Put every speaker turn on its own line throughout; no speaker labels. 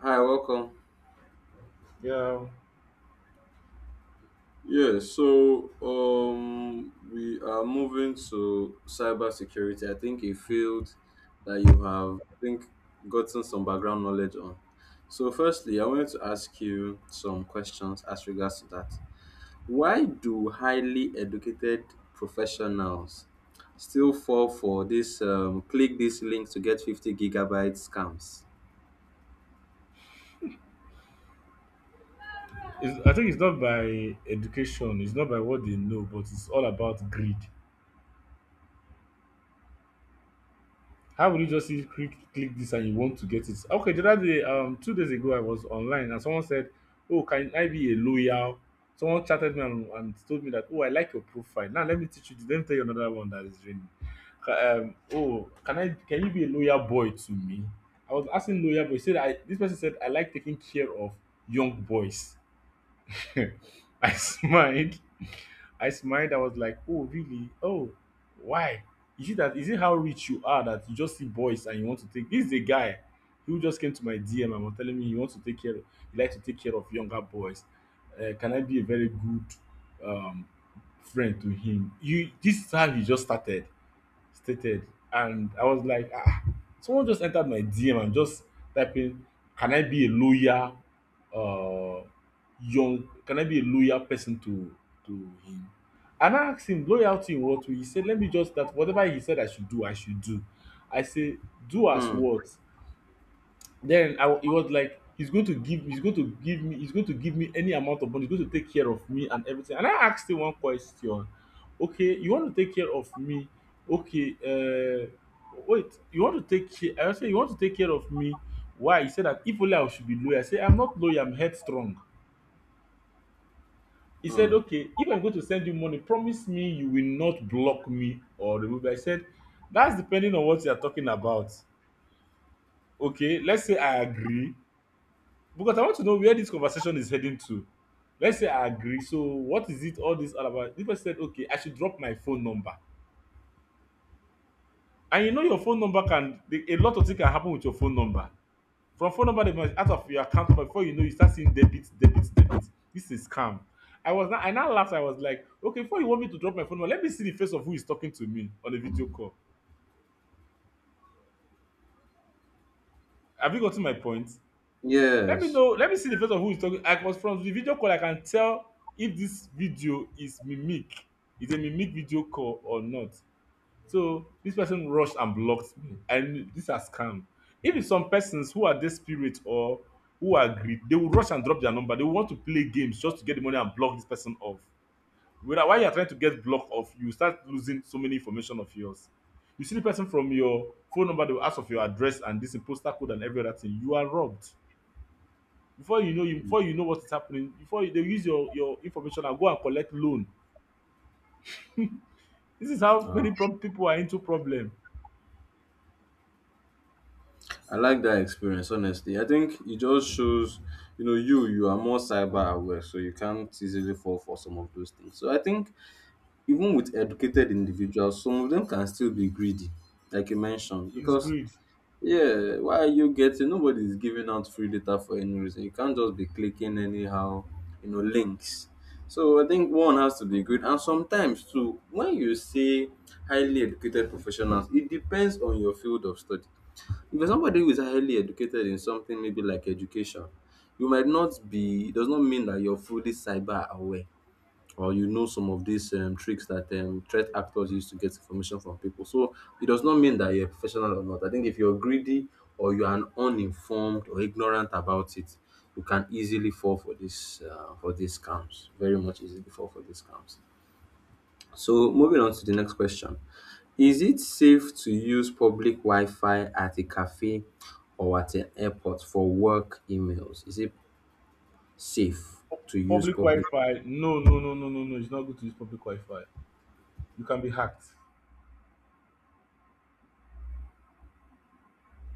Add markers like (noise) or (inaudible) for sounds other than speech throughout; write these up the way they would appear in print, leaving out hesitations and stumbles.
Hi, welcome.
Yeah,
We are moving to cybersecurity. I think a field that you have, I think, gotten some background knowledge on. So firstly, I wanted to ask you some questions as regards to that. Why do highly educated professionals still fall for this click this link to get 50 gigabyte scams?
I think it's not by education, it's not by what they know, but it's all about greed. How will you just see, click, click this and you want to get it? Okay, the other day, 2 days ago, I was online and someone said, "Oh, can I be a loyal?" Someone chatted me and told me that, "Oh, I like your profile. Now let me teach you. This. Let me tell you another one that is raining." Oh, can I? Can you be a loyal boy to me? I was asking loyal boy. He Said this person said, "I like taking care of young boys." (laughs) I smiled I smiled. I was like, "Oh, really? Oh, why? Is it that? Is it how rich you are that you just see boys and you want to take?" This is a guy who just came to my DM and was telling me he wants to take care. Of, he likes to take care of younger boys. Can I be a very good um, friend to him? You. This is how he just started stated. And I was like, ah, someone just entered my DM and just typing, can I be a loyal uh young can I be a loyal person to him? And I asked him loyalty in what way? He said, let me just that whatever he said I should do, I should do. I say, do as
Hmm.
what? Then I wa he was like, "He's going to give he's going to give me he's going to give me any amount of money. He's going to take care of me and everything." And I asked him one question. Okay, you want to take care of me? Okay, wait, you want to take care? I say you want to take care of me? Why? He said that if only I should be loyal. I say I'm not loyal. I'm headstrong. He said,
Hmm.
"Okay, if I'm going to send you money, promise me you will not block me or remove." me." I said, "That's depending on what you are talking about." Okay, let's say I agree. Because I want to know where this conversation is heading to. Let's say I agree. So what is it all this all about? This person said, okay, I should drop my phone number. And you know your phone number a lot of things can happen with your phone number. From phone number, they must out of your account number before you know you start seeing debit, debit, debit. This is scam. I now laughed. I was like, okay, before you want me to drop my phone number, let me see the face of who is talking to me on a video call. Have you gotten my point?
Yes.
Let me see the face of who is talking. I was From the video call I can tell if this video is mimic is a mimic video call or not. So this person rushed and blocked me. I knew these are scam. If it's some persons who are desperate or who are greed, they will rush and drop their number. They will want to play games just to get the money and block this person off. Whether while you are trying to get blocked off, you start losing so many information of yours. You see the person from your phone number, they will ask of your address and this postal code and every other thing, you are robbed. Before you know what is happening before you, they use your information and go and collect loan. This is how many people are into problem.
I like that experience, honestly. I think it just shows, you know, you are more cyber aware, so you can't easily fall for some of those things. So I think even with educated individuals, some of them can still be greedy, like you mentioned,
It's
because
greed.
yeah, why are you getting? Nobody is giving out free data for any reason. You can't just be clicking anyhow, you know, links. So I think one has to be good, and sometimes too, when you say highly educated professionals, it depends on your field of study. If you're somebody who is highly educated in something maybe like education, you might not be, it does not mean that you're fully cyber aware or you know some of these tricks that threat actors use to get information from people. So it does not mean that you're a professional or not. I think if you're greedy or you are an uninformed or ignorant about it, you can easily fall for this for these scams. Very much easily fall for these scams. So moving on to the next question. Is it safe to use public Wi-Fi at a cafe or at an airport for work emails? Is it safe to use
Public
public?
wi-fi, no, no, no, no, no, no, it's not good to use public wi-fi. You can be hacked.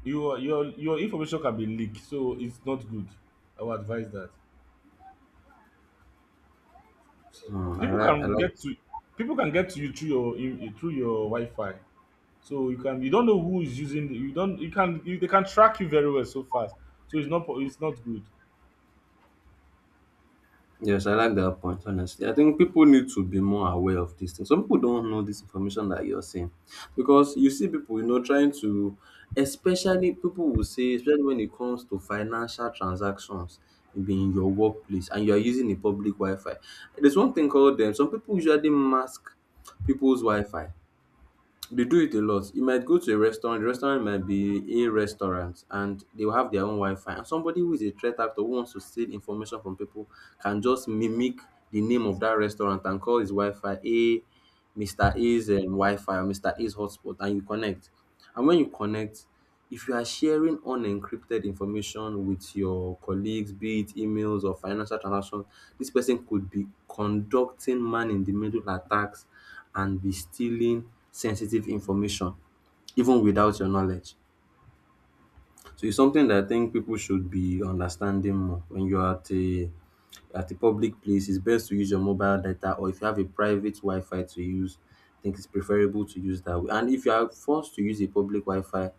Your information can be leaked, so it's not good. I would advise that
Hmm,
people
I
can
like.
get to you through through your wi-fi. So you can you don't know who is using you don't you can you, they can track you very well so fast. So it's not good.
Yes, I like that point, honestly. I think people need to be more aware of these things. Some people don't know this information that you're saying because you see people, you know, trying to, especially people will say, especially when it comes to financial transactions, maybe in your workplace and you're using a public Wi Fi. There's one thing called them. Some people usually mask people's Wi Fi. They do it a lot. You might go to a restaurant, the restaurant might be a restaurant and they will have their own Wi-Fi. And somebody who is a threat actor who wants to steal information from people can just mimic the name of that restaurant and call his Wi-Fi a Mr. A's Wi-Fi or Mr. A's hotspot and you connect. And when you connect, if you are sharing unencrypted information with your colleagues, be it emails or financial transactions, this person could be conducting man in the middle attacks and be stealing sensitive information even without your knowledge. So it's something that I think people should be understanding more. When you're at a public place, it's best to use your mobile data, or if you have a private Wi-Fi to use, I think it's preferable to use that way. And if you are forced to use a public Wi-Fi,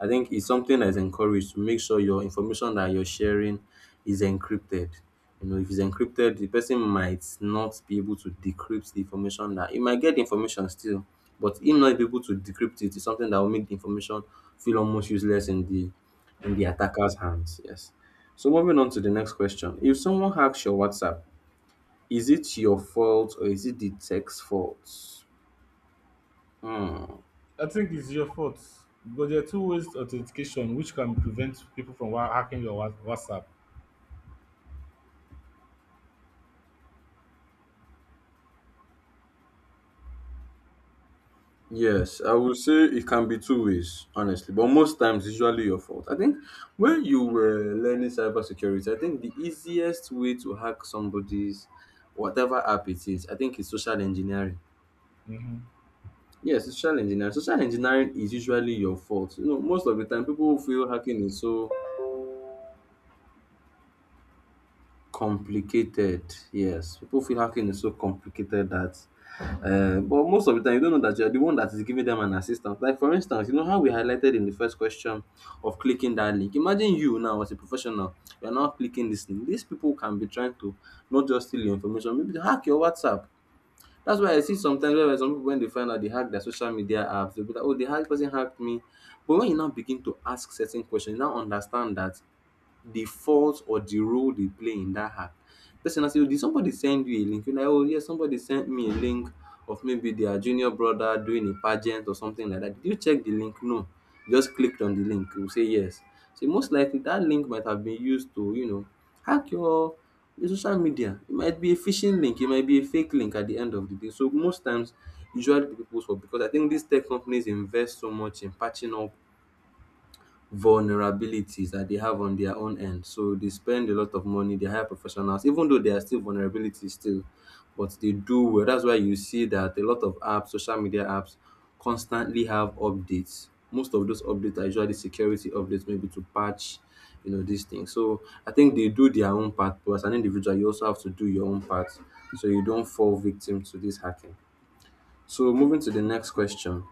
I think it's something that is encouraged to make sure your information that you're sharing is encrypted. You know, if it's encrypted, the person might not be able to decrypt the information that you might get the information still, but him not be able to decrypt it is something that will make the information feel almost useless in the attacker's hands. Yes. So moving on to the next question. If someone hacks your WhatsApp, is it your fault or is it the tech's fault? Hmm.
I think it's your fault because there are two ways authentication which can prevent people from hacking your WhatsApp.
Yes, I would say it can be two ways, honestly. But most times, it's usually your fault. I think when you were learning cybersecurity, I think the easiest way to hack somebody's whatever app it is, I think it's social engineering.
Hmm.
Yes, social engineering. Social engineering is usually your fault. You know, most of the time, people feel hacking is so complicated, yes. People feel hacking is so complicated that but most of the time you don't know that you're the one that is giving them an assistance. Like for instance, you know how we highlighted in the first question of clicking that link. Imagine you now as a professional, you're now clicking this link. These people can be trying to not just steal your information, maybe to hack your WhatsApp. That's why I see sometimes where some people when they find out they hack their social media apps, they'll be like, "Oh, the hack person hacked me." But when you now begin to ask certain questions, you now understand that the fault or the role they play in that hack. Person now say, "Oh, did somebody send you a link?" You're like, "Oh, yes, somebody sent me a link of maybe their junior brother doing a pageant or something like that." Did you check the link? No. You just clicked on the link. You say yes. So most likely that link might have been used to, you know, hack your social media. It might be a phishing link. It might be a fake link at the end of the day. So most times, usually the people for because I think these tech companies invest so much in patching up vulnerabilities that they have on their own end. So they spend a lot of money, they hire professionals, even though there are still vulnerabilities still, but they do well. That's why you see that a lot of apps, social media apps, constantly have updates. Most of those updates are usually security updates, maybe to patch, you know, these things. So I think they do their own part, but as an individual, you also have to do your own part so you don't fall victim to this hacking. So moving to the next question,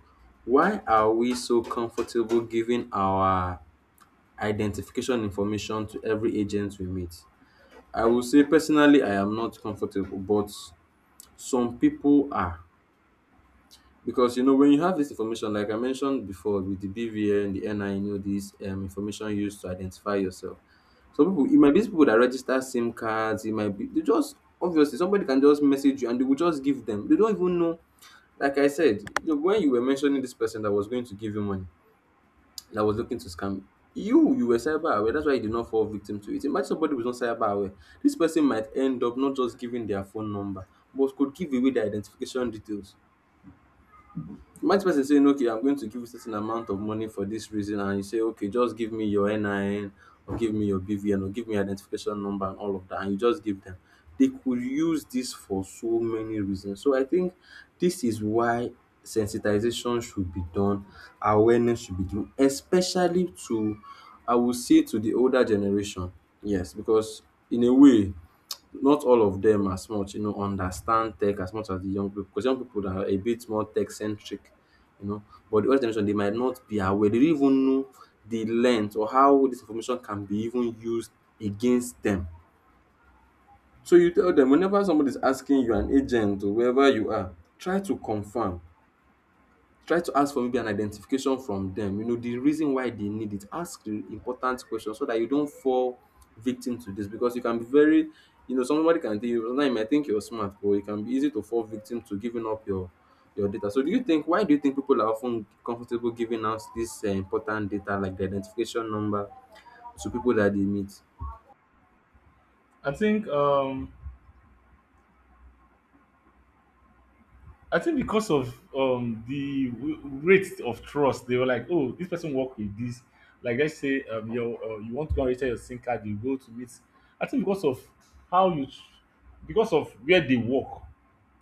why are we so comfortable giving our identification information to every agent we meet. I will say personally, I am not comfortable, but some people are. Because you know, when you have this information, like I mentioned before, with the BVN, the NI, you know, this information used to identify yourself. Some people, it might be people that register SIM cards, it might be they just obviously somebody can just message you and they will just give them. They don't even know. Like I said, you know, when you were mentioning this person that was going to give you money, that was looking to scam you. You were cyber aware. That's why you did not fall victim to it. Imagine somebody who's not cyber aware. This person might end up not just giving their phone number, but could give away their identification details. You might person saying, okay, I'm going to give you certain amount of money for this reason, and you say, okay, just give me your NIN or give me your BVN or give me identification number and all of that, and you just give them. They could use this for so many reasons. So I think this is why sensitization should be done, awareness should be done, especially to, I would say, to the older generation. Yes, because in a way, not all of them as much, you know, understand tech as much as the young people because young people are a bit more tech centric, you know. But the older generation, they might not be aware. They don't even know the length or how this information can be even used against them. So you tell them whenever somebody is asking you, an agent or wherever you are, try to confirm. Try to ask for maybe an identification from them, you know, the reason why they need it. Ask the important questions so that you don't fall victim to this because you can be very, you know, somebody can tell you, sometimes you might think you're smart, but it can be easy to fall victim to giving up your data. So do you think why do you think people are often comfortable giving out this important data like the identification number to people that they meet?
I think um, I think because of rate of trust. They were like, "Oh, this person work with this." Like let's say you you want to go and register your SIM card, you go to it. I think because of how you, because of where they work,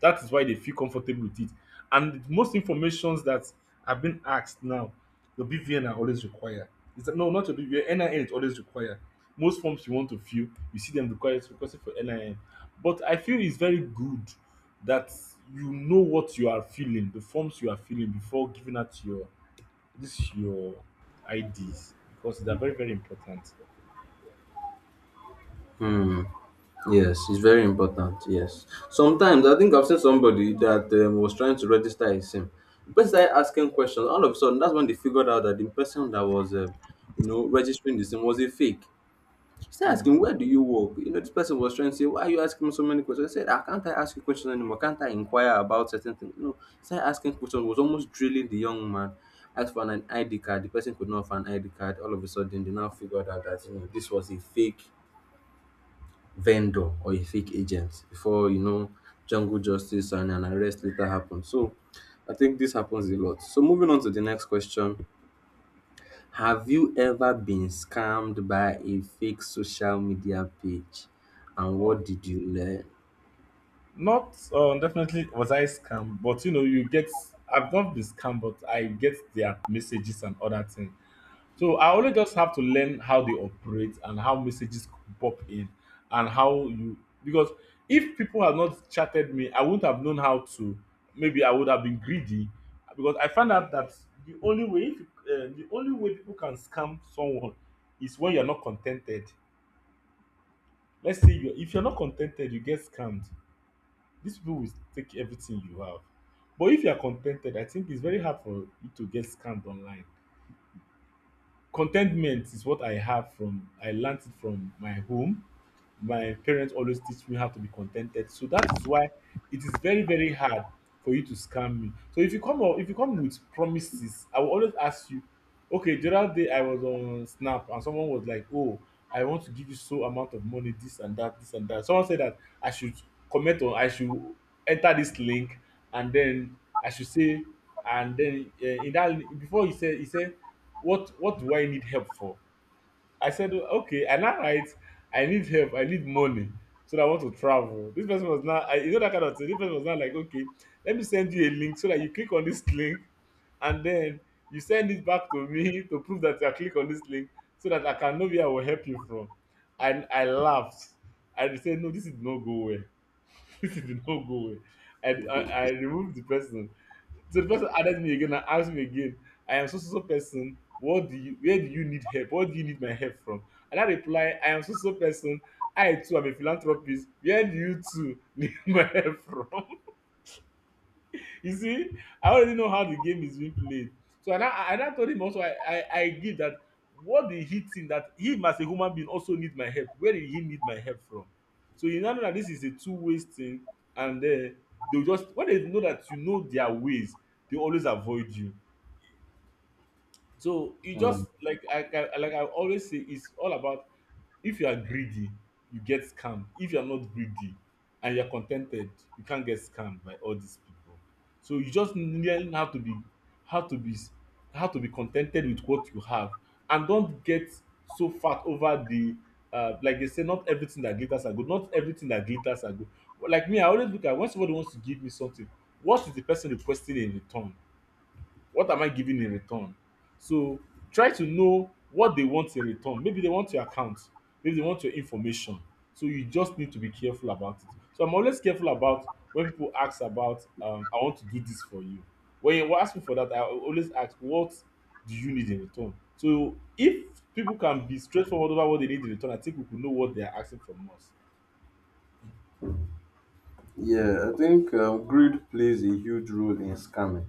that is why they feel comfortable with it. And most informations that have been asked now, your BVN are always required. It's no, not your BVN. NIN is always required. Most forms you want to fill, you see them required requested for NIN. But I feel it's very good that you know what you are feeling, the forms you are feeling before giving out your IDs because they are very very important.
Hmm. Yes, it's very important. Yes. Sometimes I think I've seen somebody that was trying to register a SIM. The person started asking questions. All of a sudden, that's when they figured out that the person that was, you know, registering the SIM was a fake. She started
Mm.
asking, "Where do you work?" You know, this person was trying to say, "Why are you asking me so many questions?" I said, "I can't I ask you questions anymore? Can't I inquire about certain things?" You know, started asking questions. Was almost drilling the young man. Asked for an ID card. The person could not find an ID card. All of a sudden, they now figured out that you know this was a fake vendor or a fake agent before you know jungle justice and an arrest later happens. So I think this happens a lot. So moving on to the next question. Have you ever been scammed by a fake social media page? And
Uh,
what did you learn?
not definitely was I scammed, but you know you get. I've not been scammed, but I get their messages and other things. So I only just have to learn how they operate and how messages pop in and how you. Because if people had not chatted me, I wouldn't have known how to. Maybe I would have been greedy because I found out that the only way if, the only way people can scam someone is when you're not contented. Let's say you if you're not contented, you get scammed. These people will take everything you have. But if you are contented, I think it's very hard for you to get scammed online. Contentment is what I have. From I learnt it from my home. My parents always teach me how to be contented. So that is why it is very, very hard for you to scam me. So if you come up, if you come with promises, I will always ask you, okay, the other day I was on Snap and someone was like, oh, I want to give you so amount of money, this and that, this and that. Someone said that I should I should enter this link and then I should say, and then in that before he said, what do I need help for? I said, okay, I now write, I need help, I need money, so that I want to travel. This person was not, I, you know, that kind of thing. This person was not like, okay, let me send you a link so that you click on this link and then you send it back to me (laughs) to prove that I click on this link so that I can know where I will help you from. And I laughed. I said, no, this did not go well. (laughs) This did not go well. And I removed the person. So the person added me again and asked me again, I am so so so person. What do you where do you need help? What do you need my help from? And I reply, I am so so person. I too am a philanthropist. Where do you too need (laughs) my help from? (laughs) You see, I already know how the game is being played. So and I told him also I give that, what did he think that him as a human being also need my help? Where did he need my help from? So you now know that this is a two-way thing, and they'll just when they know that you know their ways, they always avoid you. So you
Hmm.
just like I can like I always say it's all about, if you are greedy, you get scammed. If you are not greedy and you're contented, you can't get scammed by all these people. So you just learn how to be how to be how to be contented with what you have and don't get so fat over the like they say, not everything that glitters are good. Not everything that glitters are good. Like me, I always look at when somebody wants to give me something, what is the person requesting in return? What am I giving in return? So try to know what they want in return. Maybe they want your account, maybe they want your information. So you just need to be careful about it. So I'm always careful about when people ask about I want to do this for you. When you ask me for that, always ask what do you need in return? So if people can be straightforward about what they need in return, I think we could know what they are asking from us.
Yeah, I think greed plays a huge role in scamming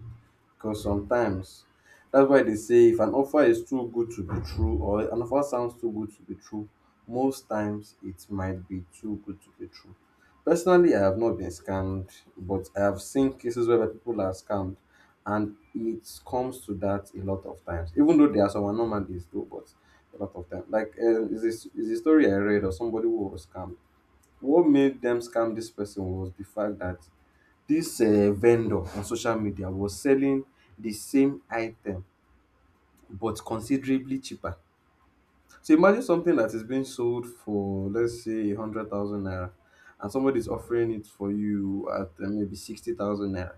because sometimes that's why they say if an offer is too good to be true or an offer sounds too good to be true, most times it might be too good to be true. Personally, I have not been scammed, but I have seen cases where people are scammed, and it comes to that a lot of times, even though there are some anomalies, though. But a lot of times, like is this is a story I read of somebody who was scammed. What made them scam this person was the fact that this vendor on social media was selling the same item but considerably cheaper. So imagine something that is being sold for, let's say, 100,000 naira, and somebody is offering it for you at maybe 60,000 naira.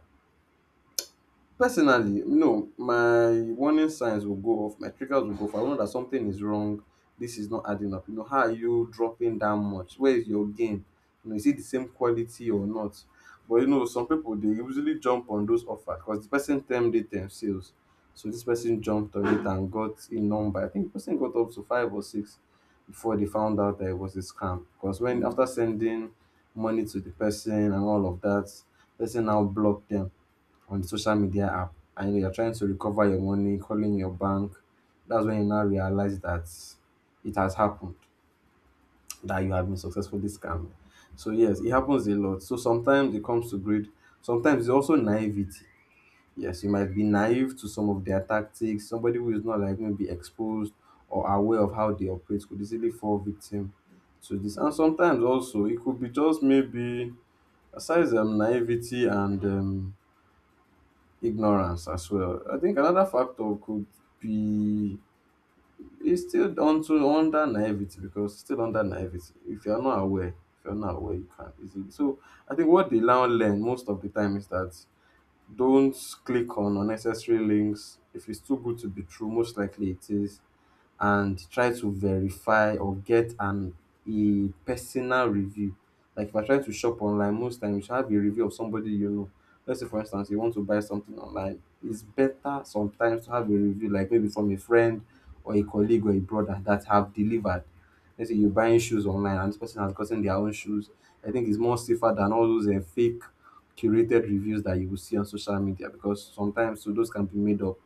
Personally, no, my warning signs will go off, my triggers will go off. I know that something is wrong. This is not adding up. You know, how are you dropping that much? Where is your gain? You know, is it the same quality or not? But you know, some people, they usually jump on those offers because the person termed it themselves. So this person jumped on it and got a number. I think the person got up to five or six before they found out that it was a scam. Because when, after sending money to the person and all of that, person now blocked them on the social media app, and you're trying to recover your money, calling your bank. That's when you now realize that it has happened, that you have been successfully scammed. So yes, it happens a lot. So sometimes it comes to greed, sometimes it's also naivety. Yes, you might be naive to some of their tactics. Somebody who is not, like, maybe exposed or aware of how they operate could easily fall victim to this. And sometimes also, it could be just, maybe, aside naivety and ignorance as well. I think another factor could be, it's still onto under naivety, because it's still under naivety. If you are not aware, if you're not aware, you can't easily. So I think what they now learn most of the time is that, don't click on unnecessary links. If it's too good to be true, most likely it is, and try to verify or get an a personal review. Like, if I try to shop online, most times you should have a review of somebody you know. Let's say, for instance, you want to buy something online, it's better sometimes to have a review, like maybe from a friend or a colleague or a brother that have delivered. Let's say you're buying shoes online and this person has gotten their own shoes. I think it's more safer than all those fake curated reviews that you will see on social media, because sometimes so those can be made up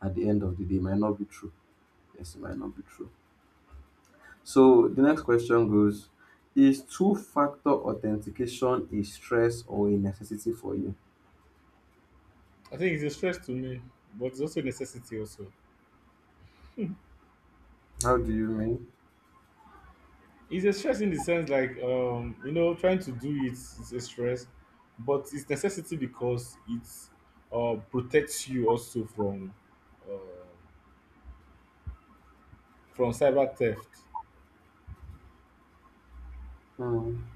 at the end of the day, might not be true. Yes, it might not be true. So the next question goes, is two-factor authentication a stress or a necessity for you?
I think it's a stress to me, but it's also a necessity also.
How do you mean?
It's a stress in the sense like you know trying to do it is a stress, but it's necessity because it protects you also uh, from cyber theft.
Hmm.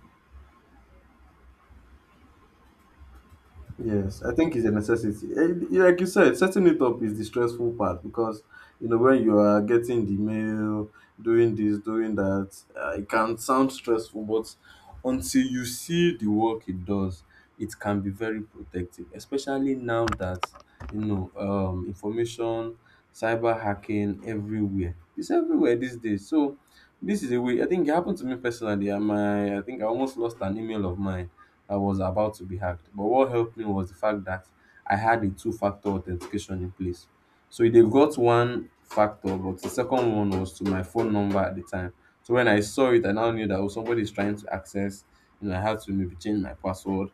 Yes, I think it's a necessity. Eh, yeah, like you said, setting it up is the stressful part because you know, when you are getting the mail, doing this, doing that, it can sound stressful. But until you see the work it does, it can be very protective, especially now that you know, information, cyber hacking everywhere. It's everywhere these days. So this is a way. I think it happened to me personally. I think I almost lost an email of mine. I was about to be hacked. But what helped me was the fact that I had a two factor authentication in place. So they got one factor, but the second one was to my phone number at the time. So when I saw it, I now knew that, oh, somebody is trying to access, you know. I had to maybe change my password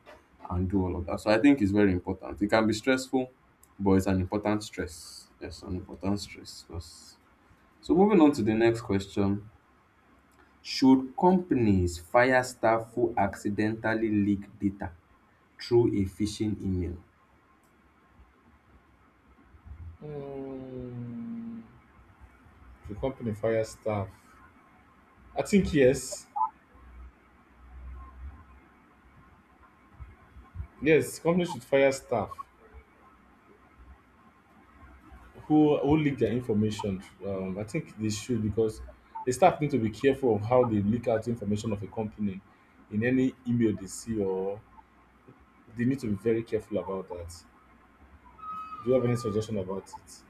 and do all of that. So I think it's very important. It can be stressful, but it's an important stress. Yes, an important stress. So moving on to the next question. Should companies fire staff who accidentally leak data through a phishing email?
Mm. The company fire staff. I think yes, yes, companies should fire staff who leak their information. I think they should because the staff need to be careful of how they leak out information of a company in any email they see or they need to be very careful about that. Do you have any suggestion about it?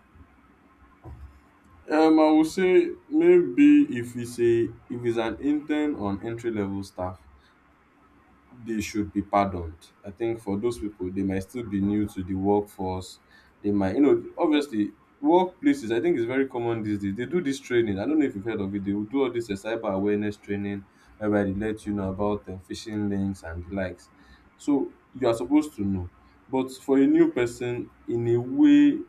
I would say maybe if it's an intern on entry level staff, they should be pardoned. I think for those people, they might still be new to the workforce. They might, you know, obviously, workplaces, I think it's very common these days, they do this training. I don't know if you've heard of it. They will do all this cyber awareness training, whereby they let you know about phishing links and the likes. So you are supposed to know. But for a new person, in a way,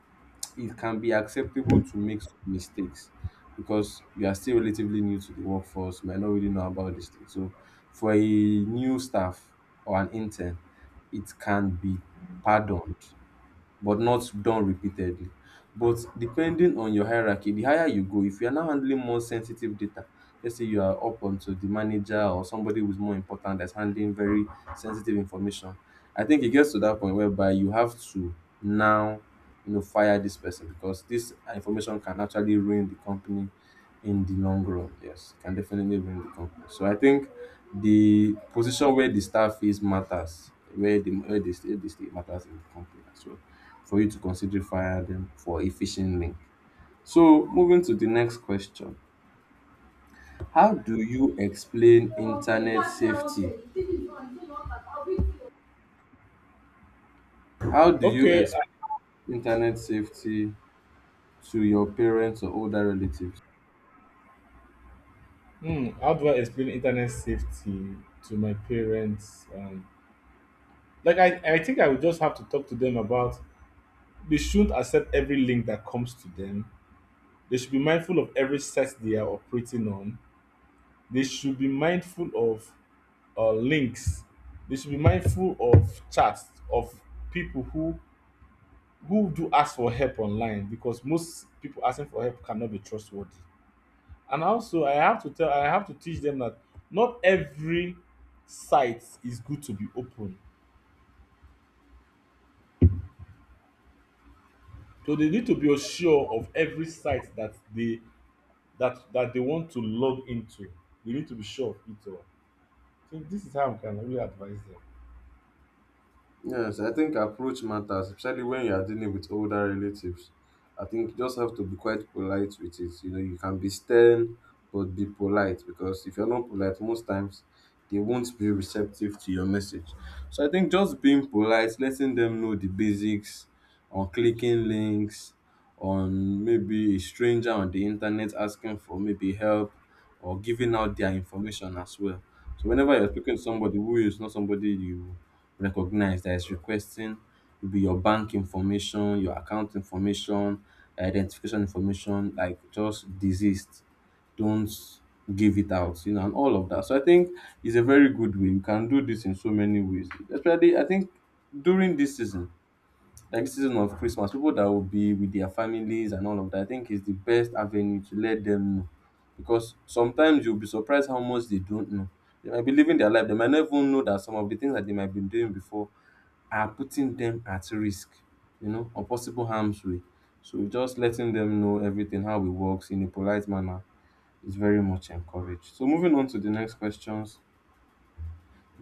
it can be acceptable to make some mistakes because you are still relatively new to the workforce, you might not really know about this thing. So for a new staff or an intern, it can be pardoned, but not done repeatedly. But depending on your hierarchy, the higher you go, if you are now handling more sensitive data, let's say you are up onto the manager or somebody who's more important, that's handling very sensitive information, I think it gets to that point whereby you have to now, you know, fire this person because this information can actually ruin the company in the long run. Yes, it can definitely ruin the company. So I think the position where the staff is matters, where they stay matters in the company as well, for you to consider fire them for a phishing link. So moving to the next question. How do you explain internet safety? How do you
Okay, uh,
explain internet safety to your parents or older relatives?
how do I explain internet safety to my parents? Like I think I would just have to talk to them about they shouldn't accept every link that comes to them. They should be mindful of every site they are operating on. They should be mindful of links. They should be mindful of chats of people who do ask for help online because most people asking for help cannot be trustworthy. And also I have to teach them that not every site is good to be open, so they need to be sure of every site that they that they want to log into. They need to be sure of it all. So this is how I can really advise them.
Yes, I think approach matters, especially when you are dealing with older relatives. I think you just have to be quite polite with it. You know, you can be stern, but be polite, because if you're not polite, most times they won't be receptive to your message. So I think just being polite, letting them know the basics on clicking links, on maybe a stranger on the internet asking for maybe help, or giving out their information as well. So whenever you're speaking to somebody who is not somebody you recognize that is requesting maybe your bank information, your account information, identification information, like, just desist, don't give it out, you know, and all of that. So I think it's a very good way. You can do this in so many ways. Especially, I think during this season, like season of Christmas, people that will be with their families and all of that, I think is the best avenue to let them know. Because sometimes you'll be surprised how much they don't know. They might be living their life, they might not even know that some of the things that they might be doing before are putting them at risk, you know, or possible harm's way. So just letting them know everything, how it works in a polite manner, is very much encouraged. So moving on to the next questions.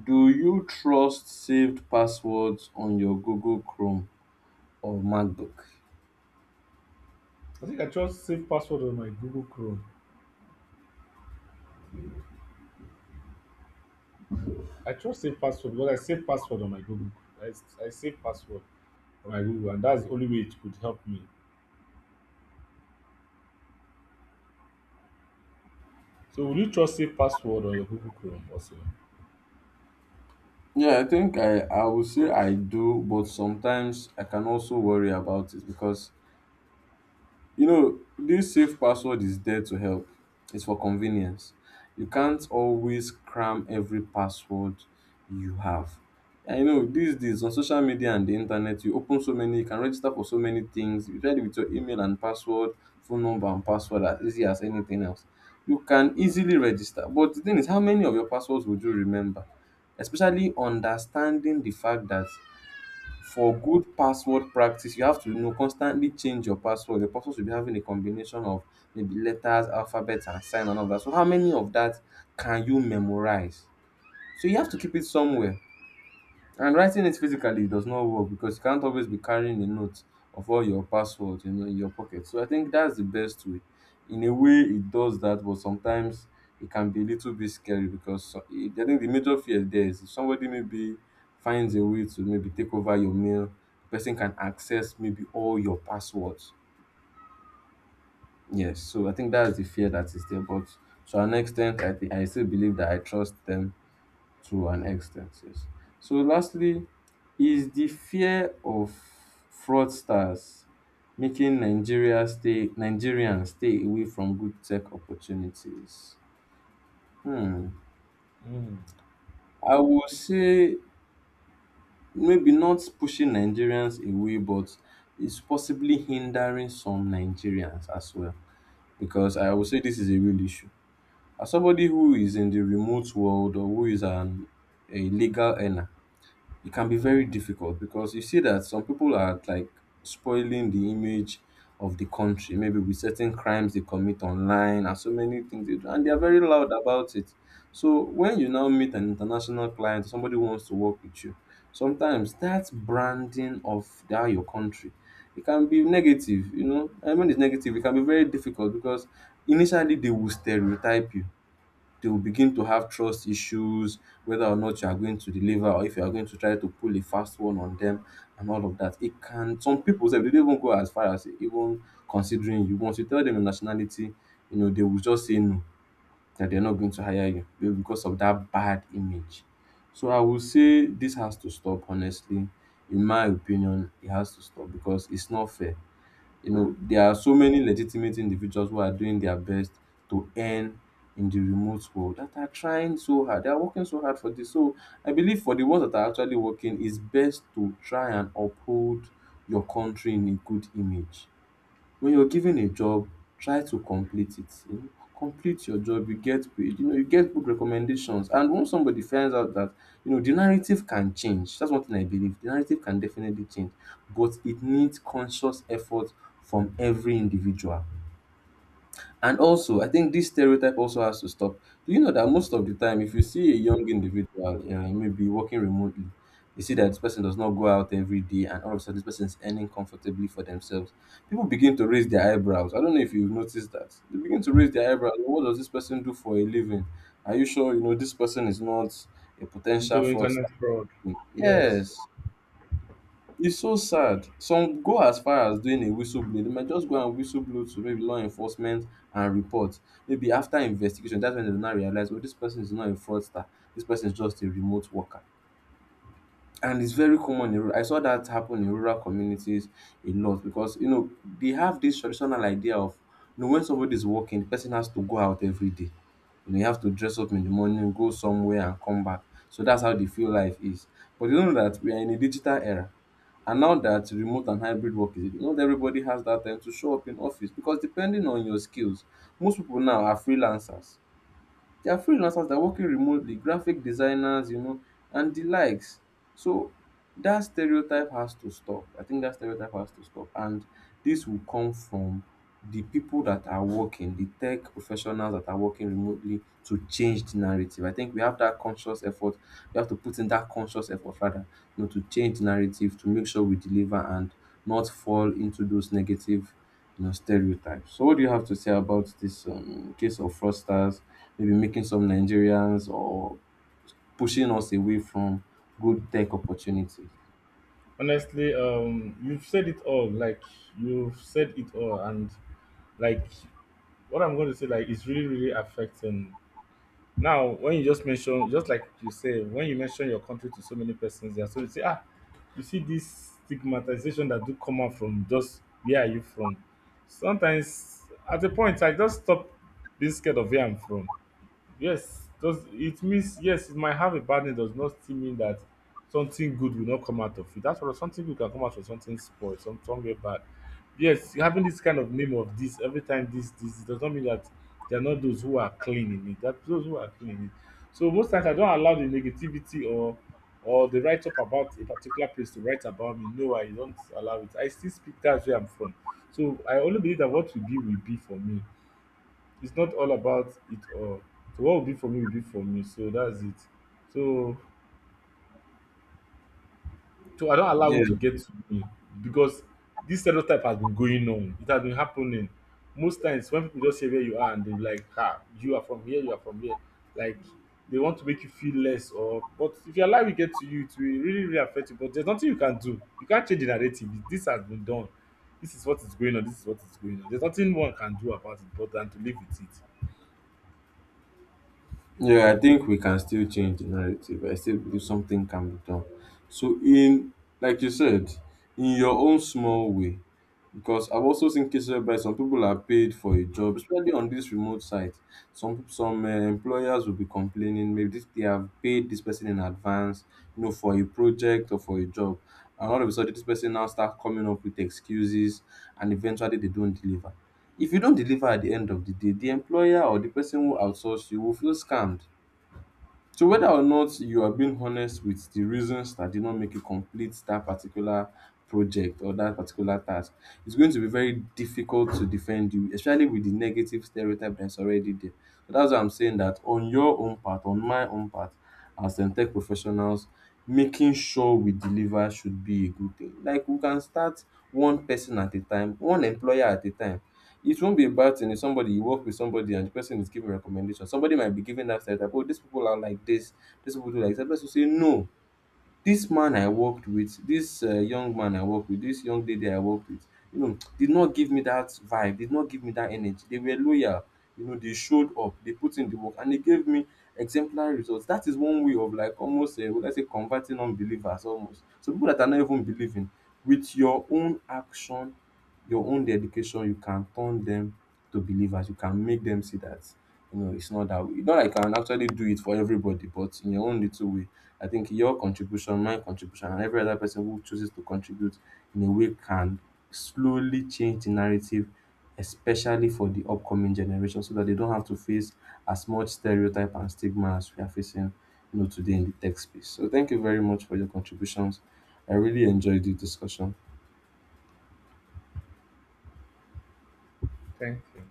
Do you trust saved passwords on your Google Chrome or MacBook?
I think I just save password on my Google Chrome. I just save password because I save password on my Google. I save password on my Google, and that's the only way it could help me. So will you trust save password on your Google Chrome also?
Yeah, I think I would say I do, but sometimes I can also worry about it because, you know, this safe password is there to help. It's for convenience. You can't always cram every password you have. I know these days on social media and the internet, you open so many, you can register for so many things. You try it with your email and password, phone number and password, as easy as anything else. You can easily register. But the thing is, how many of your passwords would you remember? Especially understanding the fact that for good password practice you have to, you know, constantly change your password. Your password should be having a combination of maybe letters, alphabets, and sign and all that. So how many of that can you memorize? So you have to keep it somewhere, and writing it physically does not work because you can't always be carrying a note of all your passwords, in your pocket. So I think that's the best way. In a way it does that, but sometimes it can be a little bit scary because I think the major fear there is if somebody maybe finds a way to maybe take over your mail, the person can access maybe all your passwords. Yes, so I think that's the fear that is there, but to an extent, I think I still believe that I trust them to an extent. Yes. So lastly, is the fear of fraudsters making Nigerians stay away from good tech opportunities? Hmm.
Mm.
I would say maybe not pushing Nigerians away, but it's possibly hindering some Nigerians as well. Because I would say this is a real issue. As somebody who is in the remote world or who is an a legal earner, it can be very difficult because you see that some people are like spoiling the image of the country, maybe with certain crimes they commit online and so many things they do, and they are very loud about it. So when you now meet an international client, somebody who wants to work with you, sometimes that branding of that your country, it can be negative, you know. And when it's negative, it can be very difficult because initially they will stereotype you, they will begin to have trust issues, whether or not you are going to deliver or if you are going to try to pull a fast one on them and all of that. It can, some people say they dey no even go as far as even considering you. Once you tell them your nationality, you know, they will just say no, that they're not going to hire you maybe because of that bad image. So I will say this has to stop, honestly. In my opinion, it has to stop because it's not fair. You know, there are so many legitimate individuals who are doing their best to earn in the remote world that are trying so hard. They are working so hard for this. So I believe for the ones that are actually working, it's best to try and uphold your country in a good image. When you're given a job, try to complete it, you know, complete your job, you get paid, you know, you get good recommendations. And once somebody finds out that, you know, the narrative can change. That's one thing I believe, the narrative can definitely change, but it needs conscious effort from every individual. And also, I think this stereotype also has to stop. Do you know that most of the time, if you see a young individual, you know, maybe working remotely, you see that this person does not go out every day, and all of a sudden, this person is earning comfortably for themselves. People begin to raise their eyebrows. I don't know if you've noticed that. They begin to raise their eyebrows. What does this person do for a living? Are you sure you know this person is not a potential
Into
fraudster?
internet fraud. Yes.
Yes. It's so sad. Some go as far as doing a whistleblowing. They might just go and whistleblow to maybe law enforcement and report. Maybe after investigation, that's when they will now realize, oh, this person is not a fraudster. This person is just a remote worker. And it's very common in I saw that happen in rural communities a lot, because you know they have this traditional idea of, you know, when somebody is working, the person has to go out every day. You know, you have to dress up in the morning, go somewhere and come back. So that's how they feel life is. But you know that we are in a digital era. And now that remote and hybrid work is, not everybody has that time to show up in office. Because depending on your skills, most people now are freelancers. They are freelancers that are working remotely, graphic designers, you know, and the likes. So that stereotype has to stop. I think that stereotype has to stop. And this will come from the people that are working, the tech professionals that are working remotely, to change the narrative. I think we have that conscious effort. We have to put in that conscious effort rather, you know, to change the narrative, to make sure we deliver and not fall into those negative, you know, stereotypes. So what do you have to say about this case of fraudsters, maybe making some Nigerians or pushing us away from good tech opportunities?
Honestly, you've said it all. Like you've said it all, and like what I'm going to say, like it's really, really affecting. Now, when you just mention, just like you say, when you mention your country to so many persons, there, so you say, ah, you see this stigmatization that do come out from just where are you from? Sometimes, at a point, I just stop being scared of where I'm from. Yes, does it means yes, it might have a bad name, does not still mean that something good will not come out of it. That's what something good can come out of something spoiled, some somewhere bad. Yes, having this kind of name of this every time this this it does not mean that they are not those who are clean in it. That those who are clean in it. So most times I don't allow the negativity or the write up about a particular place to write about me. No, I don't allow it. I still speak that's where I'm from. So I only believe that what will be for me. It's not all about it all. So what will be for me will be for me. So that's it. So so I don't allow
Yeah,
it to get to me because this stereotype has been going on. It has been happening. Most times when people just say where you are and they're like, ah, you are from here, you are from here. Like they want to make you feel less or but if you allow it get to you, it will really, really affect you. But there's nothing you can do. You can't change the narrative. This has been done. This is what is going on. This is what is going on. There's nothing one can do about it but than to live with it.
yeah, I think we can still change the narrative. I still believe something can be done. So in, like you said, in your own small way. Because I've also seen cases whereby some people are paid for a job, especially on these remote sites. Some employers will be complaining, maybe this, they have paid this person in advance, you know, for a project or for a job, and all of a sudden this person now start coming up with excuses, and eventually they don't deliver. If you don't deliver at the end of the day, the employer or the person who outsourced you will feel scammed. So whether or not you are being honest with the reasons that did not make you complete that particular project or that particular task, it's going to be very difficult to defend you, especially with the negative stereotype that's already there. So that's why I'm saying that on your own part, on my own part, as tech professionals, making sure we deliver should be a good thing. Like we can start one person at a time, one employer at a time. It won't be a bad thing if somebody, you work with somebody and the person is giving recommendations. Somebody might be giving that stereotype, oh, these people are like this, these people do like that. Person say no. This man I worked with, this young man I worked with, this young lady I worked with, you know, did not give me that vibe, did not give me that energy. They were loyal, you know, they showed up, they put in the work, and they gave me exemplary results. That is one way of like almost let's say converting unbelievers almost. So people that are not even believing, with your own action, your own dedication, you can turn them to believers. You can make them see that, you know, it's not that way. Not like I can actually do it for everybody, but in your own little way, I think your contribution, my contribution, and every other person who chooses to contribute in a way can slowly change the narrative, especially for the upcoming generation, so that they don't have to face as much stereotype and stigma as we are facing, you know, today in the tech space. So thank you very much for your contributions. I really enjoyed the discussion.
Thank you.